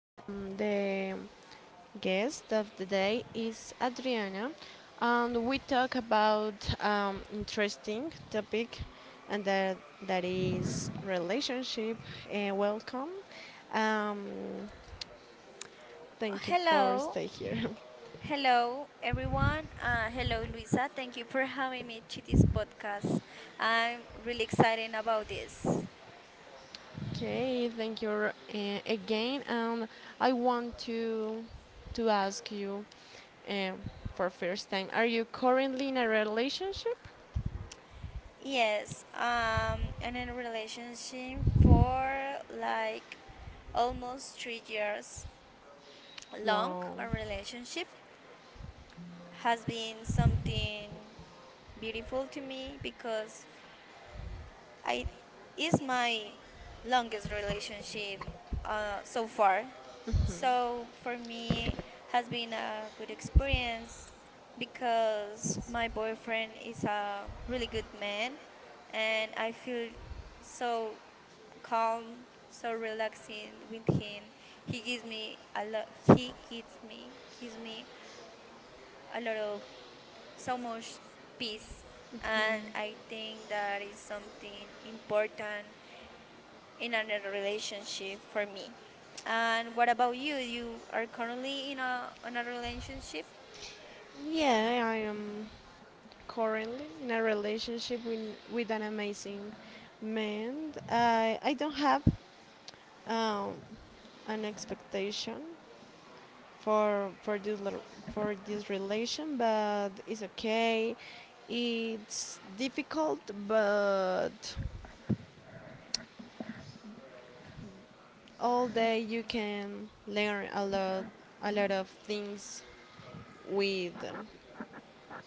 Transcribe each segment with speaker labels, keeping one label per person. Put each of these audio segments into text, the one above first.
Speaker 1: The guest of the day is Adriana, and we talk about interesting topic, and that is relationship. Welcome. Um, Thank you for
Speaker 2: Hello,
Speaker 1: stay here.
Speaker 2: hello everyone. Hello Luisa, thank you for having me to this podcast. I'm really excited about this.
Speaker 1: Okay, thank you again, and I want to ask you um, for first time, are you currently in a relationship?
Speaker 2: Yes, and in a relationship for like almost 3 years long.
Speaker 1: Wow.
Speaker 2: Our relationship has been something beautiful to me because I is my longest relationship so far.
Speaker 1: Hmm.
Speaker 2: So for me has been a good experience because my boyfriend is a really good man and I feel so calm, so relaxing with him. He gives me a lot, he gives me a lot of so much peace, and I think that is something important in a relationship for me. And what about you? You are currently in a on a relationship.
Speaker 1: Yeah, I am currently in a relationship with an amazing man. I don't have um, an expectation for for this relation, but it's okay. It's difficult, but all day you can learn a lot of things with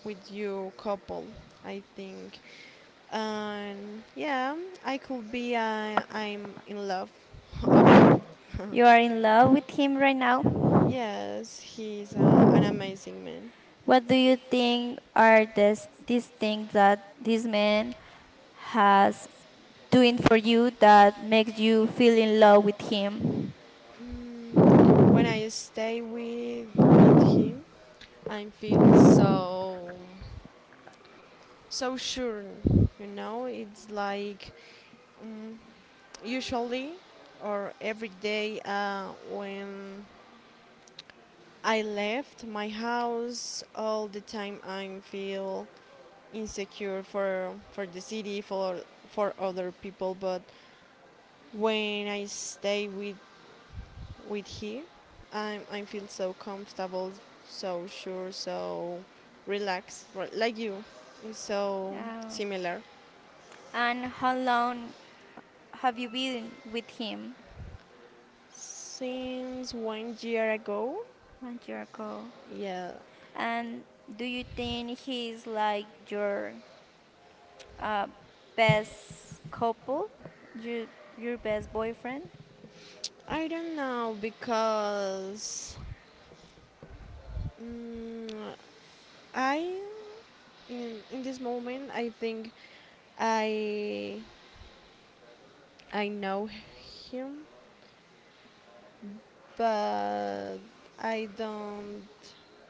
Speaker 1: with your couple. I think. And yeah, I could be I'm in love of him.
Speaker 2: You are in love with him right now.
Speaker 1: Yes, he's an amazing man.
Speaker 2: What do you think are this these things that this man has doing for you that makes you feel in love with him?
Speaker 1: Mm, when I stay with him, I feel so sure. You know, it's like mm, usually or every day when I left my house all the time I feel insecure for the city for other people, but when I stay with he, I feel so comfortable, so sure, so relaxed, right, like you, it's so
Speaker 2: Oh.
Speaker 1: similar.
Speaker 2: And how long have you been with him?
Speaker 1: Since 1 year ago.
Speaker 2: 1 year ago.
Speaker 1: Yeah,
Speaker 2: And do you think he's like your Uh, best couple, your your best boyfriend.
Speaker 1: I don't know because mm, I in this moment I think i I know him, but I don't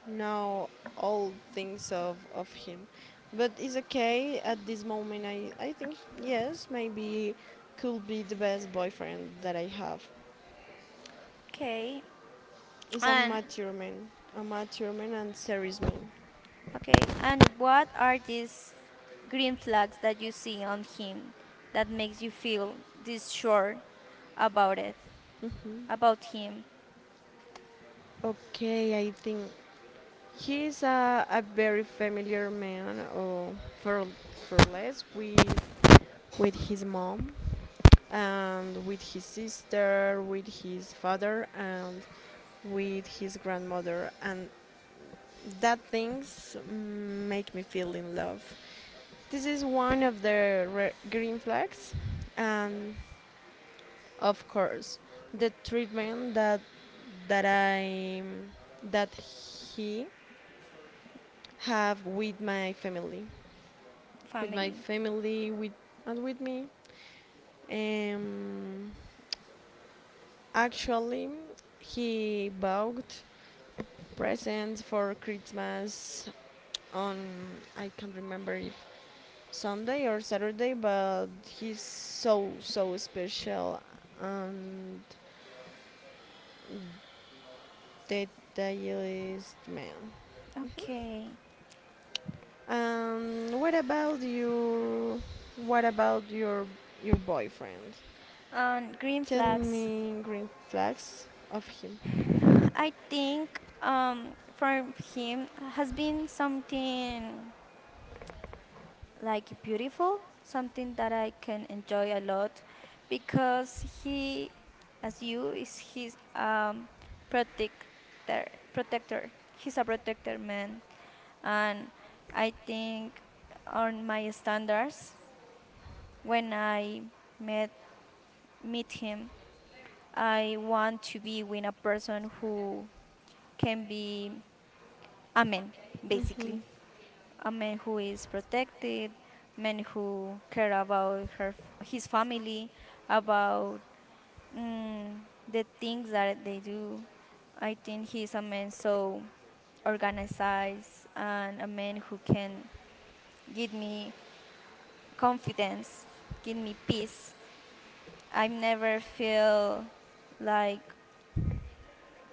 Speaker 1: know all things of him. But it's okay at this moment. I think, yes, maybe could be the best boyfriend that I have.
Speaker 2: Okay,
Speaker 1: He's
Speaker 2: and
Speaker 1: a mature man and serious man.
Speaker 2: okay, and what are these green flags that you see on him that makes you feel this sure about it, about him,
Speaker 1: Okay, I think he is a very familiar man, or for, for less, with his mom and with his sister, with his father, and with his grandmother, and that things make me feel in love. This is one of the green flags, and of course, the treatment that I that he have with my family, with my
Speaker 2: family?
Speaker 1: family, with and with me. Um, Actually, he bought presents for Christmas on I can't remember if Sunday or Saturday, but he's so special and detailist man.
Speaker 2: Okay,
Speaker 1: What about you? What about your boyfriend?
Speaker 2: and green
Speaker 1: Tell
Speaker 2: flags.
Speaker 1: me green flags of him.
Speaker 2: I think for him has been something like beautiful, something that I can enjoy a lot because he, as you, is his protector. Protector. He's a protector man, and I think on my standards when I met meet him, I want to be with a person who can be a man,
Speaker 1: Mhm.
Speaker 2: basically. A man who is protected, man who care about her his family, about mm, the things that they do. I think he's a man so organized and a man who can give me confidence, give me peace. I never feel like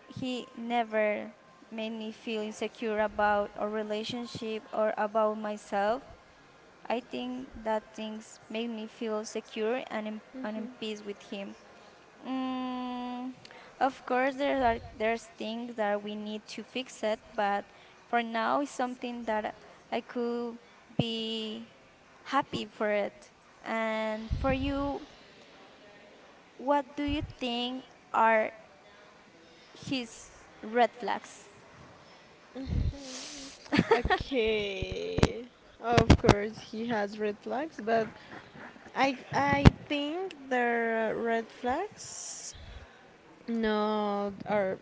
Speaker 2: he never made me feel insecure about our relationship or about myself. I think that things make me feel secure and and in peace with him. Mm, of course, there's things that we need to fix it, but for now, it's something that I could be happy for it. And for you, what do you think are his red flags?
Speaker 1: Okay. Of course, he has red flags, but I think the red flags not are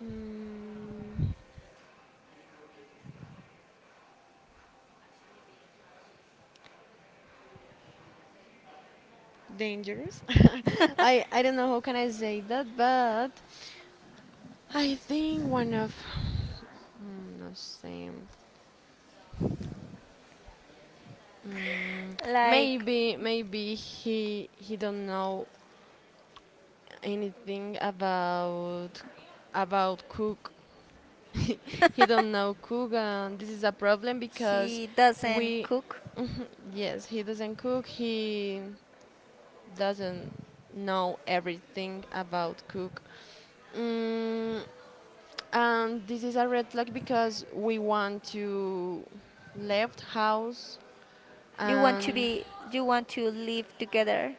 Speaker 1: Mm, dangerous. I don't know how can I say that, but I think one of no say mm,
Speaker 2: Like
Speaker 1: maybe he don't know anything about cook. He don't know cook, and this is a problem because
Speaker 2: he doesn't
Speaker 1: we,
Speaker 2: cook.
Speaker 1: yes he doesn't cook. He doesn't know everything about cook. Mm, and this is a red flag because we want to left house
Speaker 2: You want to
Speaker 1: and
Speaker 2: be you want to live together,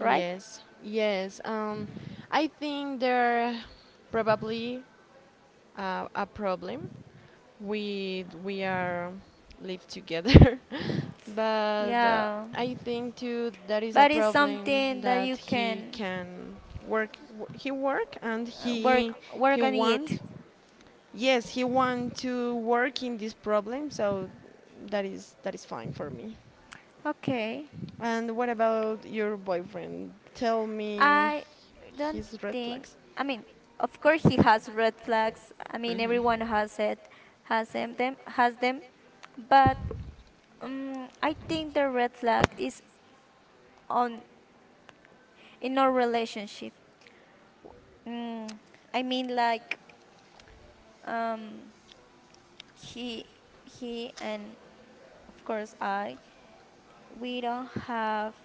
Speaker 2: right?
Speaker 1: yes, I think there probably a problem with we are live together but
Speaker 2: Yeah,
Speaker 1: I think too that is a
Speaker 2: but it's
Speaker 1: problem
Speaker 2: something that
Speaker 1: that
Speaker 2: you
Speaker 1: he
Speaker 2: can
Speaker 1: can work, he work and
Speaker 2: uh, work
Speaker 1: he
Speaker 2: work on
Speaker 1: want,
Speaker 2: it.
Speaker 1: yes he want to work in this problem, so that is fine for me.
Speaker 2: Okay,
Speaker 1: And what about your boyfriend, tell me
Speaker 2: I don't
Speaker 1: his red
Speaker 2: think.
Speaker 1: flags.
Speaker 2: I mean, of course he has red flags. I mean,
Speaker 1: Mhm.
Speaker 2: everyone has it, has them, them has them. But I think the red flag is on in our relationship. Mm, I mean, like um, he he and of course I we don't have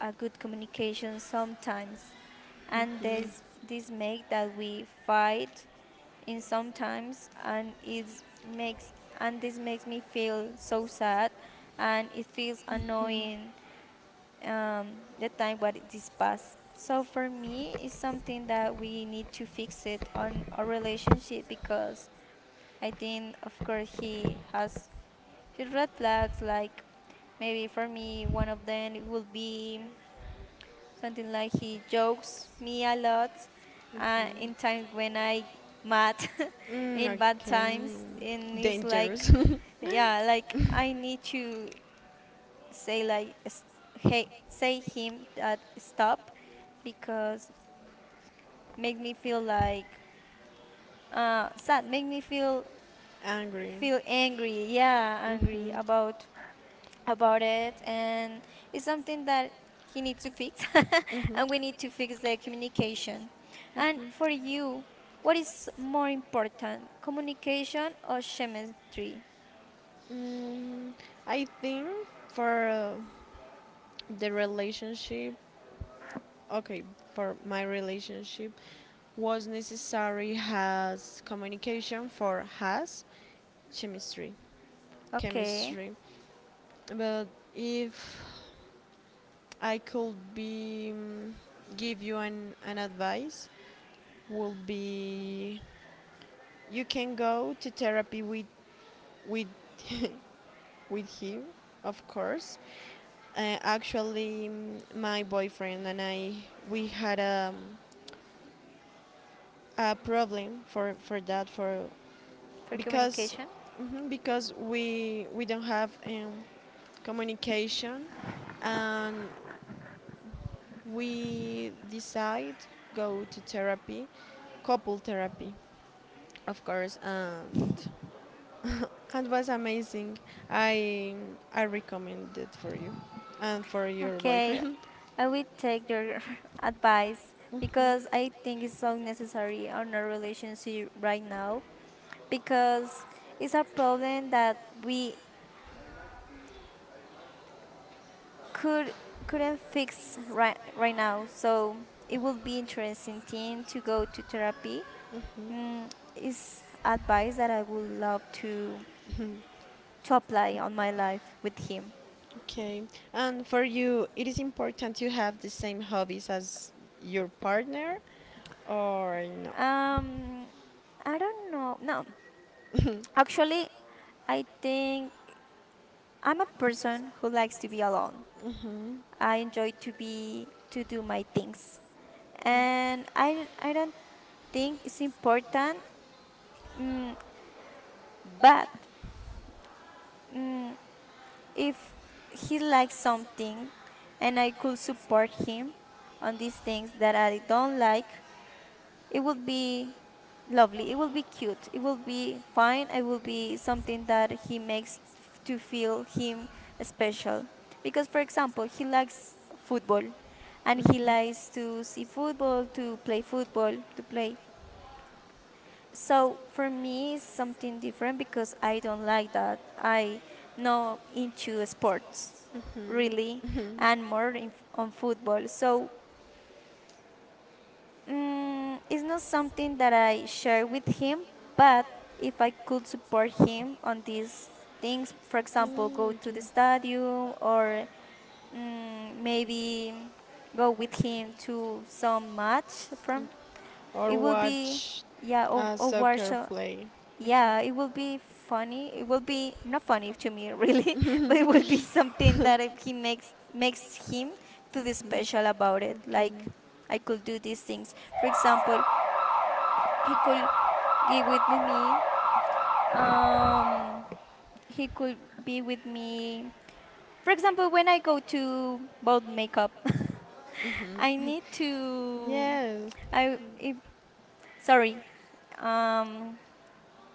Speaker 2: a good communication sometimes, and
Speaker 1: Mm,
Speaker 2: this make that we fight in sometimes, and it makes and this makes me feel so sad, and it feels annoying, um, the time what it is past. So for me it's something that we need to fix it on our relationship, because I think of course he has the red flags, like maybe for me, one of them it would be something like he jokes me a lot in times when I mad,
Speaker 1: mm,
Speaker 2: in bad
Speaker 1: okay.
Speaker 2: times, and it's like,
Speaker 1: Dangerous.
Speaker 2: yeah, like I need to say like, hey, say him that stop, because make me feel like sad, make me feel
Speaker 1: Angry.
Speaker 2: feel angry, yeah, angry
Speaker 1: Hmm.
Speaker 2: about it, and it's something that he needs to fix, and we need to fix the communication. And for you, what is more important, communication or chemistry?
Speaker 1: Mm, I think for the relationship, okay for my relationship was necessary as communication for has chemistry,
Speaker 2: Okay,
Speaker 1: chemistry. But if I could be give you an advice, would be you can go to therapy with with him, of course. Actually, my boyfriend and I, we had a problem for that, for
Speaker 2: for
Speaker 1: because
Speaker 2: communication.
Speaker 1: mhm, because we don't have communication and we decide go to therapy, couple therapy, of course. And it was amazing. I i recommend it for you and for your
Speaker 2: Okay,
Speaker 1: boyfriend.
Speaker 2: I will take your advice, because I think it's so necessary on our relationship right now, because it's a problem that we could couldn't fix right now. So it would be interesting thing to go to therapy. Mm, is advice that I would love to apply on my life with him.
Speaker 1: Okay, and for you it is important to have the same hobbies as your partner or no.
Speaker 2: Um, I don't know. No, actually, I think I'm a person who likes to be alone.
Speaker 1: Mhm.
Speaker 2: I enjoy to do my things, and I don't think it's important. Mm, but mm, if he likes something and I could support him on these things that I don't like, it would be lovely. It would be cute. It would be fine. It would be something that he makes to feel him special. Because, for example, he likes football and he likes to see football, to play football, to play, so for me, it's something different because I don't like that. I know into sports, really,
Speaker 1: Mhm.
Speaker 2: and more on football. So it's not something that I share with him. But if I could support him on these things, for example, go
Speaker 1: Mm,
Speaker 2: to the
Speaker 1: okay.
Speaker 2: stadium or maybe go with him to some match from,
Speaker 1: Or
Speaker 2: it would be
Speaker 1: watch
Speaker 2: yeah, or,
Speaker 1: a
Speaker 2: or watch.
Speaker 1: soccer play. Okay.
Speaker 2: Yeah, it will be funny. It will be not funny to me really, but it will be something that he makes him feel
Speaker 1: Mm,
Speaker 2: special about it. Like
Speaker 1: okay.
Speaker 2: I could do these things. For example, he could be with me. Um, he could be with me. For example, when I go to bold makeup, I
Speaker 1: Mhm.
Speaker 2: need to.
Speaker 1: Yes.
Speaker 2: I if Sorry. Um,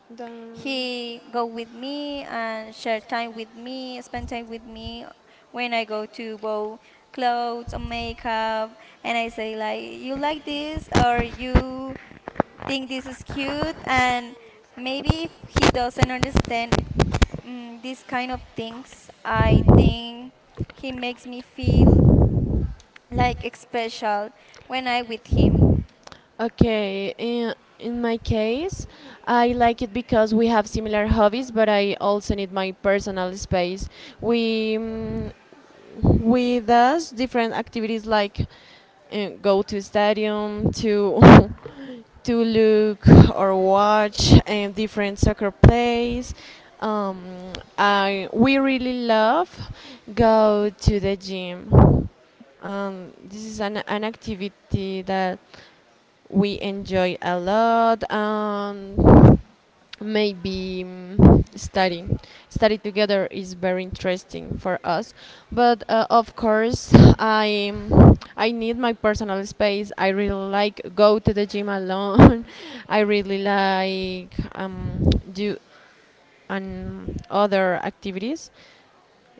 Speaker 1: Да.
Speaker 2: He go with me and share time with me, spend time with me when I go to buy clothes or makeup, and I say like, you like this, or you think this is cute, and maybe if he doesn't understand these kind of things, I think he makes me feel like special when I with him.
Speaker 1: Okay, in my case, I like it because we have similar hobbies, but I also need my personal space. We we does different activities like go to stadium to to look or watch different soccer plays. Um, I, we really love go to the gym. This is an activity that we enjoy a lot. And maybe study together is very interesting for us. But of course I need my personal space. I really like go to the gym alone. I really like do and other activities,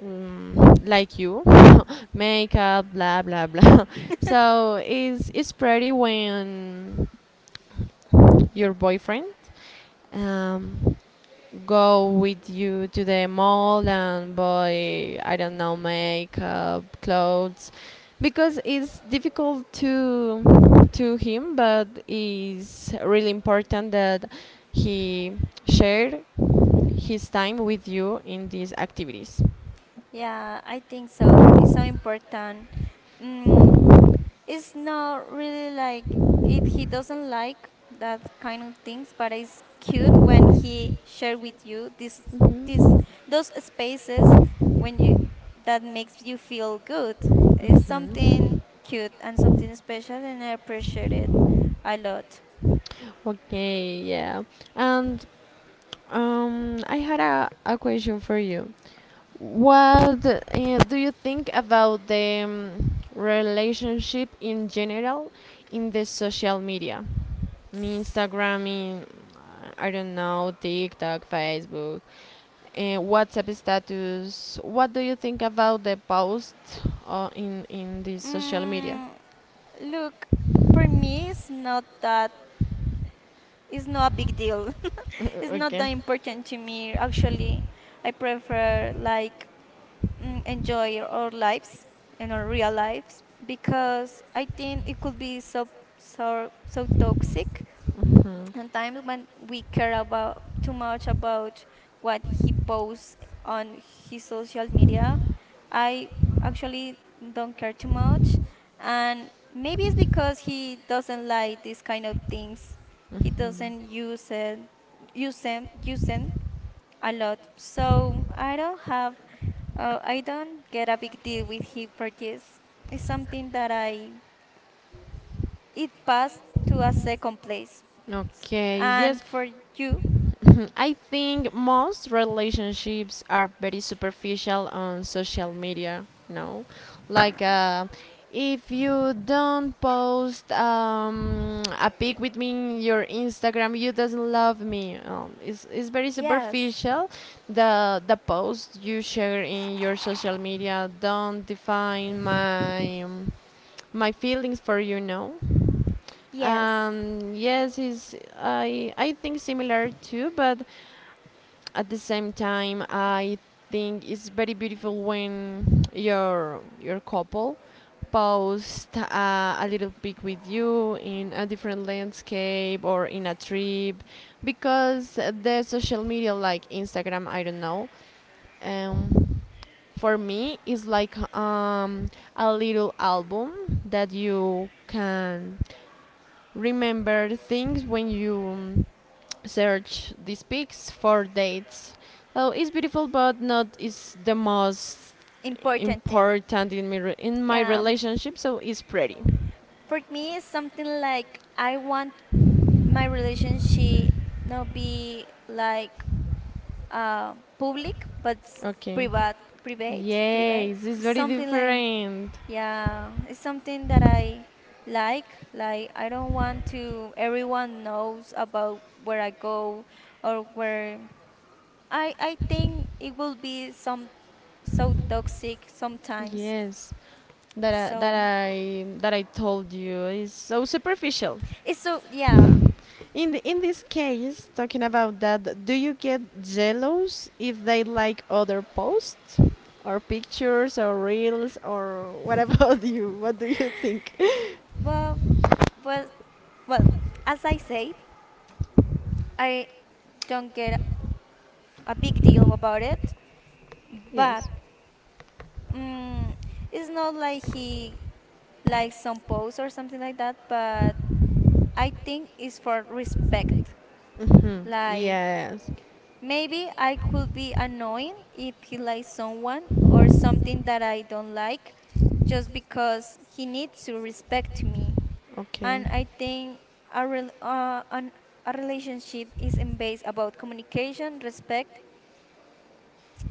Speaker 1: um, like you, makeup blah blah blah. So it's pretty when your boyfriend um, go with you to the mall and buy, I don't know, makeup, clothes, because it's difficult to him, but it's really important that he shared his time with you in these activities.
Speaker 2: Yeah, I think so. It's so important. Mm, it's not really like if he doesn't like that kind of things, but it's cute when he share with you this this
Speaker 1: Mhm.
Speaker 2: those spaces when you that makes you feel good. It's
Speaker 1: Mhm.
Speaker 2: something cute and something special, and I appreciate it a lot.
Speaker 1: Okay, yeah. And I had a question for you. What do you think about the relationship in general in the social media? In Instagram, in I don't know, TikTok, Facebook, WhatsApp status. What do you think about the post in in the social media?
Speaker 2: Mm, Look, for me, it's not that it's not a big deal. It's not
Speaker 1: Okay.
Speaker 2: that important to me. Actually, I prefer like enjoy our lives and our real lives, because I think it could be so so so toxic
Speaker 1: Mhm,
Speaker 2: sometimes when we care about too much about what he posts on his social media. I actually don't care too much, and maybe it's because he doesn't like these kind of things, he
Speaker 1: mhm.
Speaker 2: doesn't use them a lot, so I don't have, I don't get a big deal with him for this. It's something that I it passed to a second place,
Speaker 1: Okay, yes.
Speaker 2: and for you.
Speaker 1: I think most relationships are very superficial on social media. No, like if you don't post a pic with me in your Instagram, you doesn't love me. It's very
Speaker 2: Yes,
Speaker 1: superficial. The post you share in your social media don't define my my feelings for you. No.
Speaker 2: yes,
Speaker 1: Yes, is I think similar too, but at the same time I think it's very beautiful when your couple post a little pic with you in a different landscape or in a trip, because the social media like Instagram, I don't know, um, for me it's like a little album that you can remember things when you search these pics for dates. So it's beautiful, but not is the most
Speaker 2: important thing.
Speaker 1: important in my in my
Speaker 2: Yeah,
Speaker 1: relationship. So it's pretty.
Speaker 2: for me, it's something like I want my relationship not be like public, but
Speaker 1: Okay.
Speaker 2: private, private, private.
Speaker 1: Yes, it's
Speaker 2: It's
Speaker 1: very
Speaker 2: something like
Speaker 1: different.
Speaker 2: yeah, it's something that I like. Like I don't want to everyone knows about where I go or where I think it will be some so toxic sometimes.
Speaker 1: Yes,
Speaker 2: So
Speaker 1: that I told you is so superficial.
Speaker 2: it's so yeah.
Speaker 1: In this case, talking about that, do you get jealous if they like other posts or pictures or reels or what about you? What do you think?
Speaker 2: Well, well, well. As I say, I don't get a big deal about it, but
Speaker 1: Yes.
Speaker 2: mm, it's not like he likes some post or something like that. But I think it's for respect.
Speaker 1: Hmm.
Speaker 2: Like
Speaker 1: Yes.
Speaker 2: maybe I could be annoying if he likes someone or something that I don't like, just because he needs to respect me.
Speaker 1: Okay.
Speaker 2: And I think a rel- uh, an, a relationship is in base about communication, respect,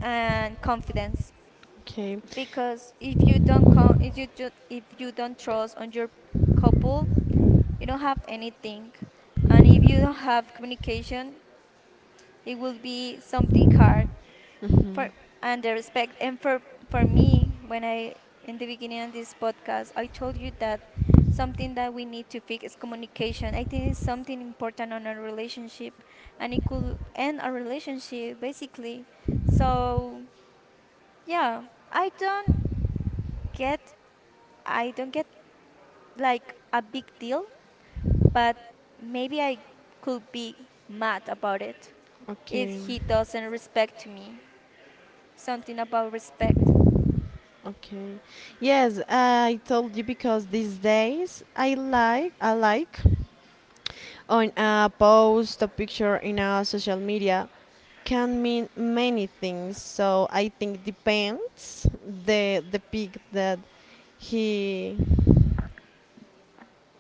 Speaker 2: and confidence.
Speaker 1: Okay.
Speaker 2: Because if you don't con- if you ju- if you don't trust on your couple, you don't have anything, and if you don't have communication, it will be something hard for,
Speaker 1: Mhm.
Speaker 2: and the respect, and for me when I in the beginning of this podcast I told you that something that we need to fix is communication. I think it's something important on our relationship, and it could end our relationship basically. So yeah, i don't get I don't get like a big deal, but maybe I could be mad about it if
Speaker 1: Okay,
Speaker 2: he doesn't respect me, something about respect.
Speaker 1: okay. Yes, I told you because these days I like on a post a picture in a social media can mean many things. So I think depends the pick that he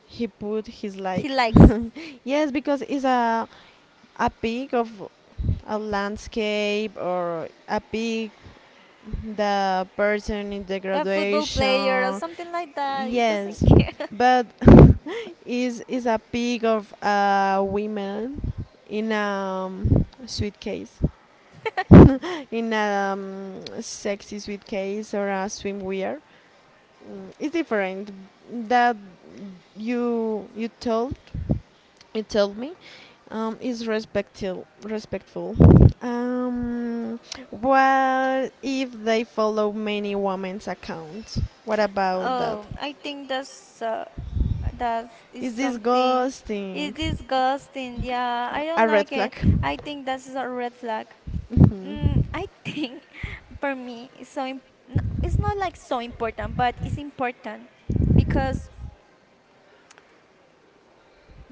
Speaker 1: he put his
Speaker 2: He
Speaker 1: like.
Speaker 2: likes
Speaker 1: Yes, because it's a pic of a landscape or a pic, the person in the
Speaker 2: a football player or
Speaker 1: graduation.
Speaker 2: something like that. He doesn't
Speaker 1: Yes,
Speaker 2: care.
Speaker 1: but is a pic of a woman in a suitcase in a sexy suitcase or a swimwear. Mm, it's different that you you told you told me is respectful, respectful. Um, what if they follow many women's accounts? What about that?
Speaker 2: Oh, I think that is
Speaker 1: Is this
Speaker 2: something.
Speaker 1: ghosting
Speaker 2: It's disgusting. Yeah, I don't
Speaker 1: a red
Speaker 2: like
Speaker 1: flag?
Speaker 2: it. I think that's a red flag. I think for me, it's so it's not like so important, but it's important, because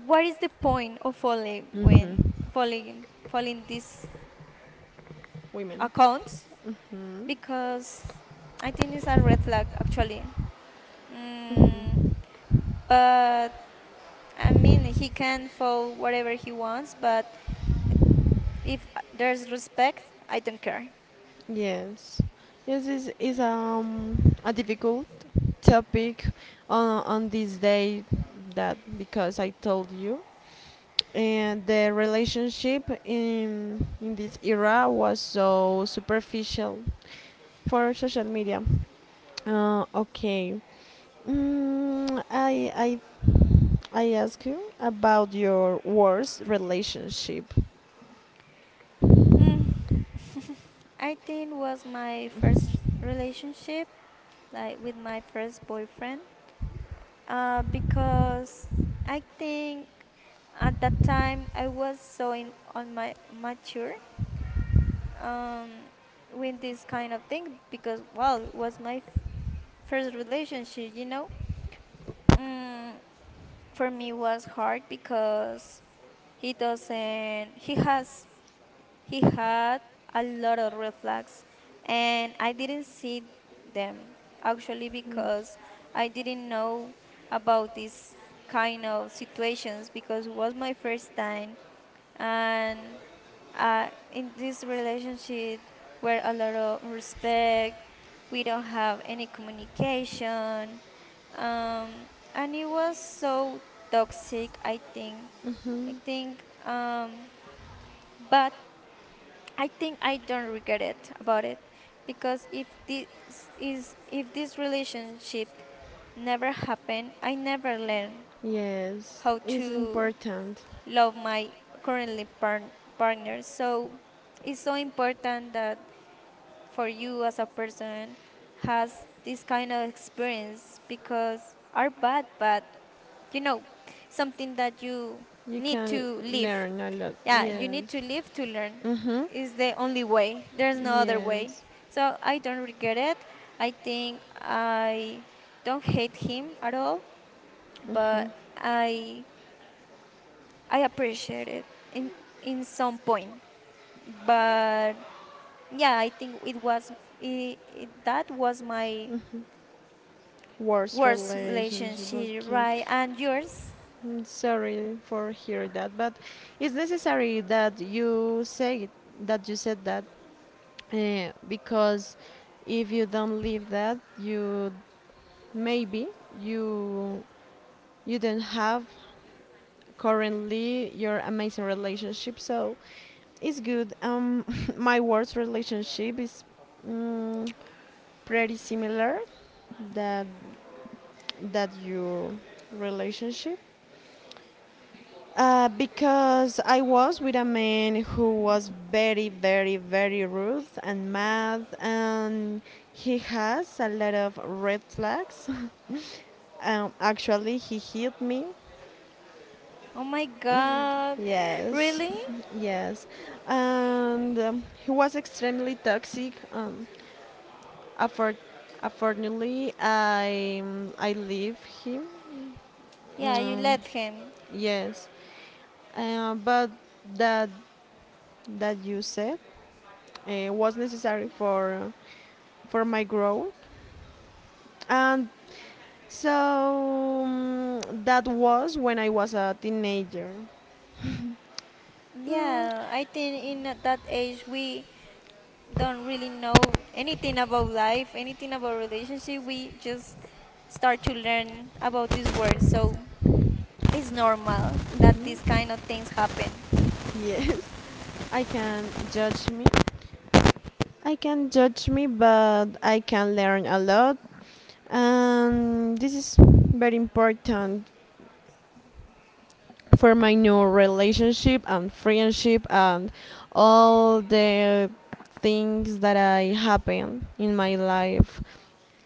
Speaker 2: what is the point of following
Speaker 1: Hmm, hmm.
Speaker 2: when following these
Speaker 1: Women.
Speaker 2: accounts?
Speaker 1: Hmm.
Speaker 2: Because I think it's a red flag actually. Mm, but I mean, he can fall whatever he wants, but if there's respect, I don't care.
Speaker 1: Yes, yes, is a difficult topic on this day, that because I told you and the relationship in this era was so superficial for social media. Okay, mm, I I I ask you about your worst relationship.
Speaker 2: Hmm, I think was my first relationship, like with my first boyfriend, because I think at that time I was so in on my mature, um, with this kind of thing, because well, it was my first relationship. Mm, for me was hard because he doesn't. He has. He had a lot of red flags, and I didn't see them actually because I didn't know about this kind of situations because it was my first time, and in this relationship where a lot of respect, we don't have any communication, and it was so toxic, I think, but I think I don't regret it about it because if this is if this relationship never happened, I never learned
Speaker 1: Yes,
Speaker 2: how
Speaker 1: it's
Speaker 2: to
Speaker 1: important.
Speaker 2: love my currently partner. So it's so important that for you as a person has this kind of experience, because are bad but you know something that you
Speaker 1: You
Speaker 2: need
Speaker 1: can
Speaker 2: to live.
Speaker 1: learn a lot.
Speaker 2: Yeah, you
Speaker 1: Yes.
Speaker 2: need to live to learn.
Speaker 1: Mm-hmm.
Speaker 2: Is the only way. There's no other way.
Speaker 1: Yes,
Speaker 2: So I don't regret it. I think I don't hate him at all, but I I appreciate it in some point. But yeah, I think it was that was my
Speaker 1: worst
Speaker 2: worst
Speaker 1: relationship.
Speaker 2: relationship,
Speaker 1: Okay,
Speaker 2: right? And yours?
Speaker 1: mm, sorry for hearing that, but it's necessary that you say it, that you said that, because if you don't leave that, you maybe, you you don't have currently your amazing relationship. So it's good. My worst relationship is mm, pretty similar that that your relationship. Because I was with a man who was very, very, very rude and mad, and he has a lot of red flags. Actually, he hit me.
Speaker 2: Oh my god.
Speaker 1: Yes,
Speaker 2: Really?
Speaker 1: yes, and he was extremely toxic. Afford- unfortunately, I leave him.
Speaker 2: Yeah, you
Speaker 1: Mm,
Speaker 2: let him.
Speaker 1: yes, but that that you said was necessary for my growth. And so that was when I was a teenager. Mm,
Speaker 2: Yeah, I think in that age we don't really know anything about life, anything about relationship. We just start to learn about this world. So it's normal that these
Speaker 1: mm,
Speaker 2: kind of things happen.
Speaker 1: yes, I can judge me. I can judge me, but I can learn a lot. And this is very important for my new relationship and friendship and all the things that I happen in my life.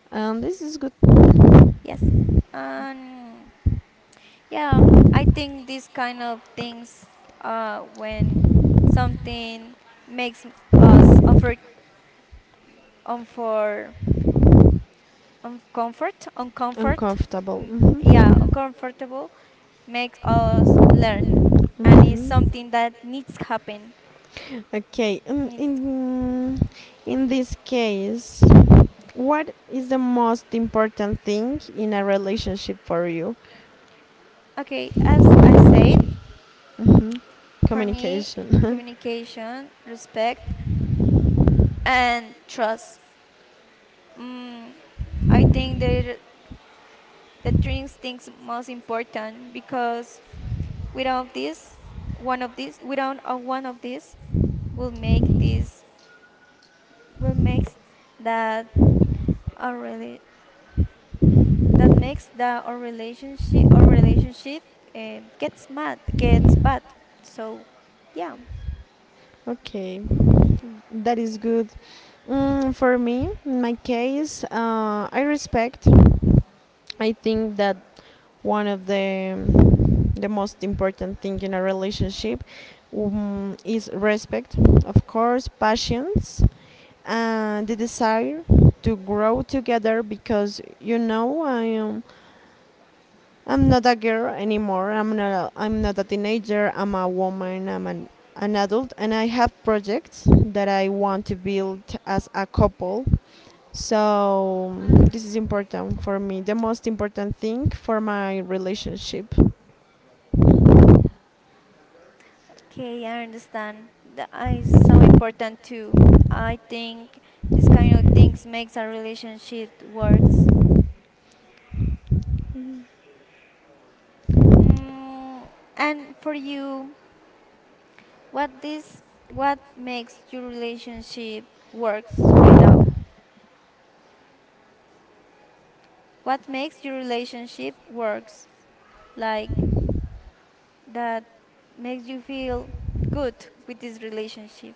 Speaker 1: And this is good
Speaker 2: Yes. And yeah, I think these kind of things, when something makes us unfor- uncomfort,
Speaker 1: and
Speaker 2: uncomfort,
Speaker 1: comfortable.
Speaker 2: mm, yeah,
Speaker 1: Mhm.
Speaker 2: uncomfortable makes us learn, and is
Speaker 1: Mhm.
Speaker 2: something that needs happen.
Speaker 1: Okay,
Speaker 2: Needs
Speaker 1: in this case, what is the most important thing in a relationship for you?
Speaker 2: okay, as I said, for me,
Speaker 1: Communication.
Speaker 2: communication, respect, and trust. Mm, I think they're the three things most important, because without this, one of these, without a one of these, will make this will make that a really that makes the our relationship gets bad. So yeah.
Speaker 1: Okay, that is good. Mm, for me, in my case, I respect. I think that one of the most important thing in a relationship is respect, of course, patience, and the desire to grow together, because you know I'm not a girl anymore. I'm not a teenager. I'm a woman. I'm an adult and I have projects that I want to build as a couple. So this is important for me. The most important thing for my relationship.
Speaker 2: Okay, I understand that is so important too. I think this kind of things makes a relationship works. mm, and for you, what this what makes your relationship works right now, what makes your relationship works like that makes you feel good with this relationship.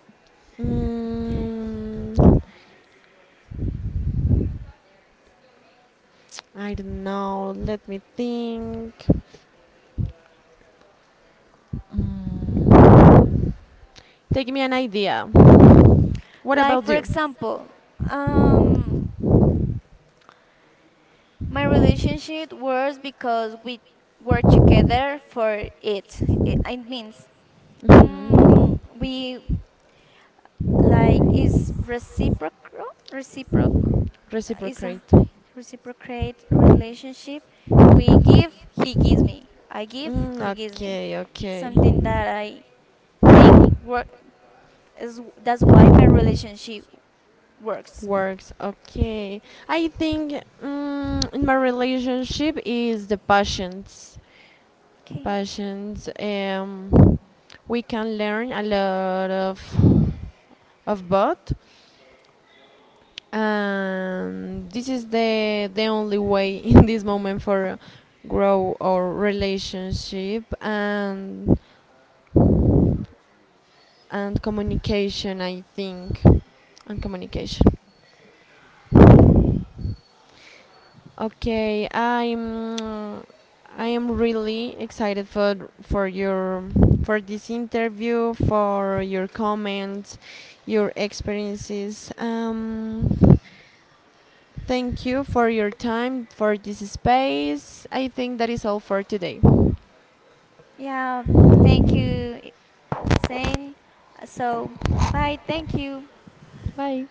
Speaker 1: Mm, I don't know. Let me think. Take me an idea. What
Speaker 2: Like
Speaker 1: about
Speaker 2: for
Speaker 1: you?
Speaker 2: example, um, my relationship was because we were together for it. It means, mm,
Speaker 1: Mhm.
Speaker 2: we like is reciprocal is a
Speaker 1: Reciprocate.
Speaker 2: reciprocate relationship. We give, he gives me. I give,
Speaker 1: Mm,
Speaker 2: he gives me.
Speaker 1: okay, okay.
Speaker 2: Something that I think work is that's why my relationship works.
Speaker 1: Works, okay. I think in my relationship is the passions.
Speaker 2: Okay.
Speaker 1: Passions. We can learn a lot of both, and this is the only way in this moment for grow our relationship and communication I think and communication. Okay, I am really excited for your, for this interview, for your comments, your experiences, thank you for your time, for this space. I think that is all for today.
Speaker 2: Yeah. Thank you, saying. So, bye. Thank you.
Speaker 1: Bye.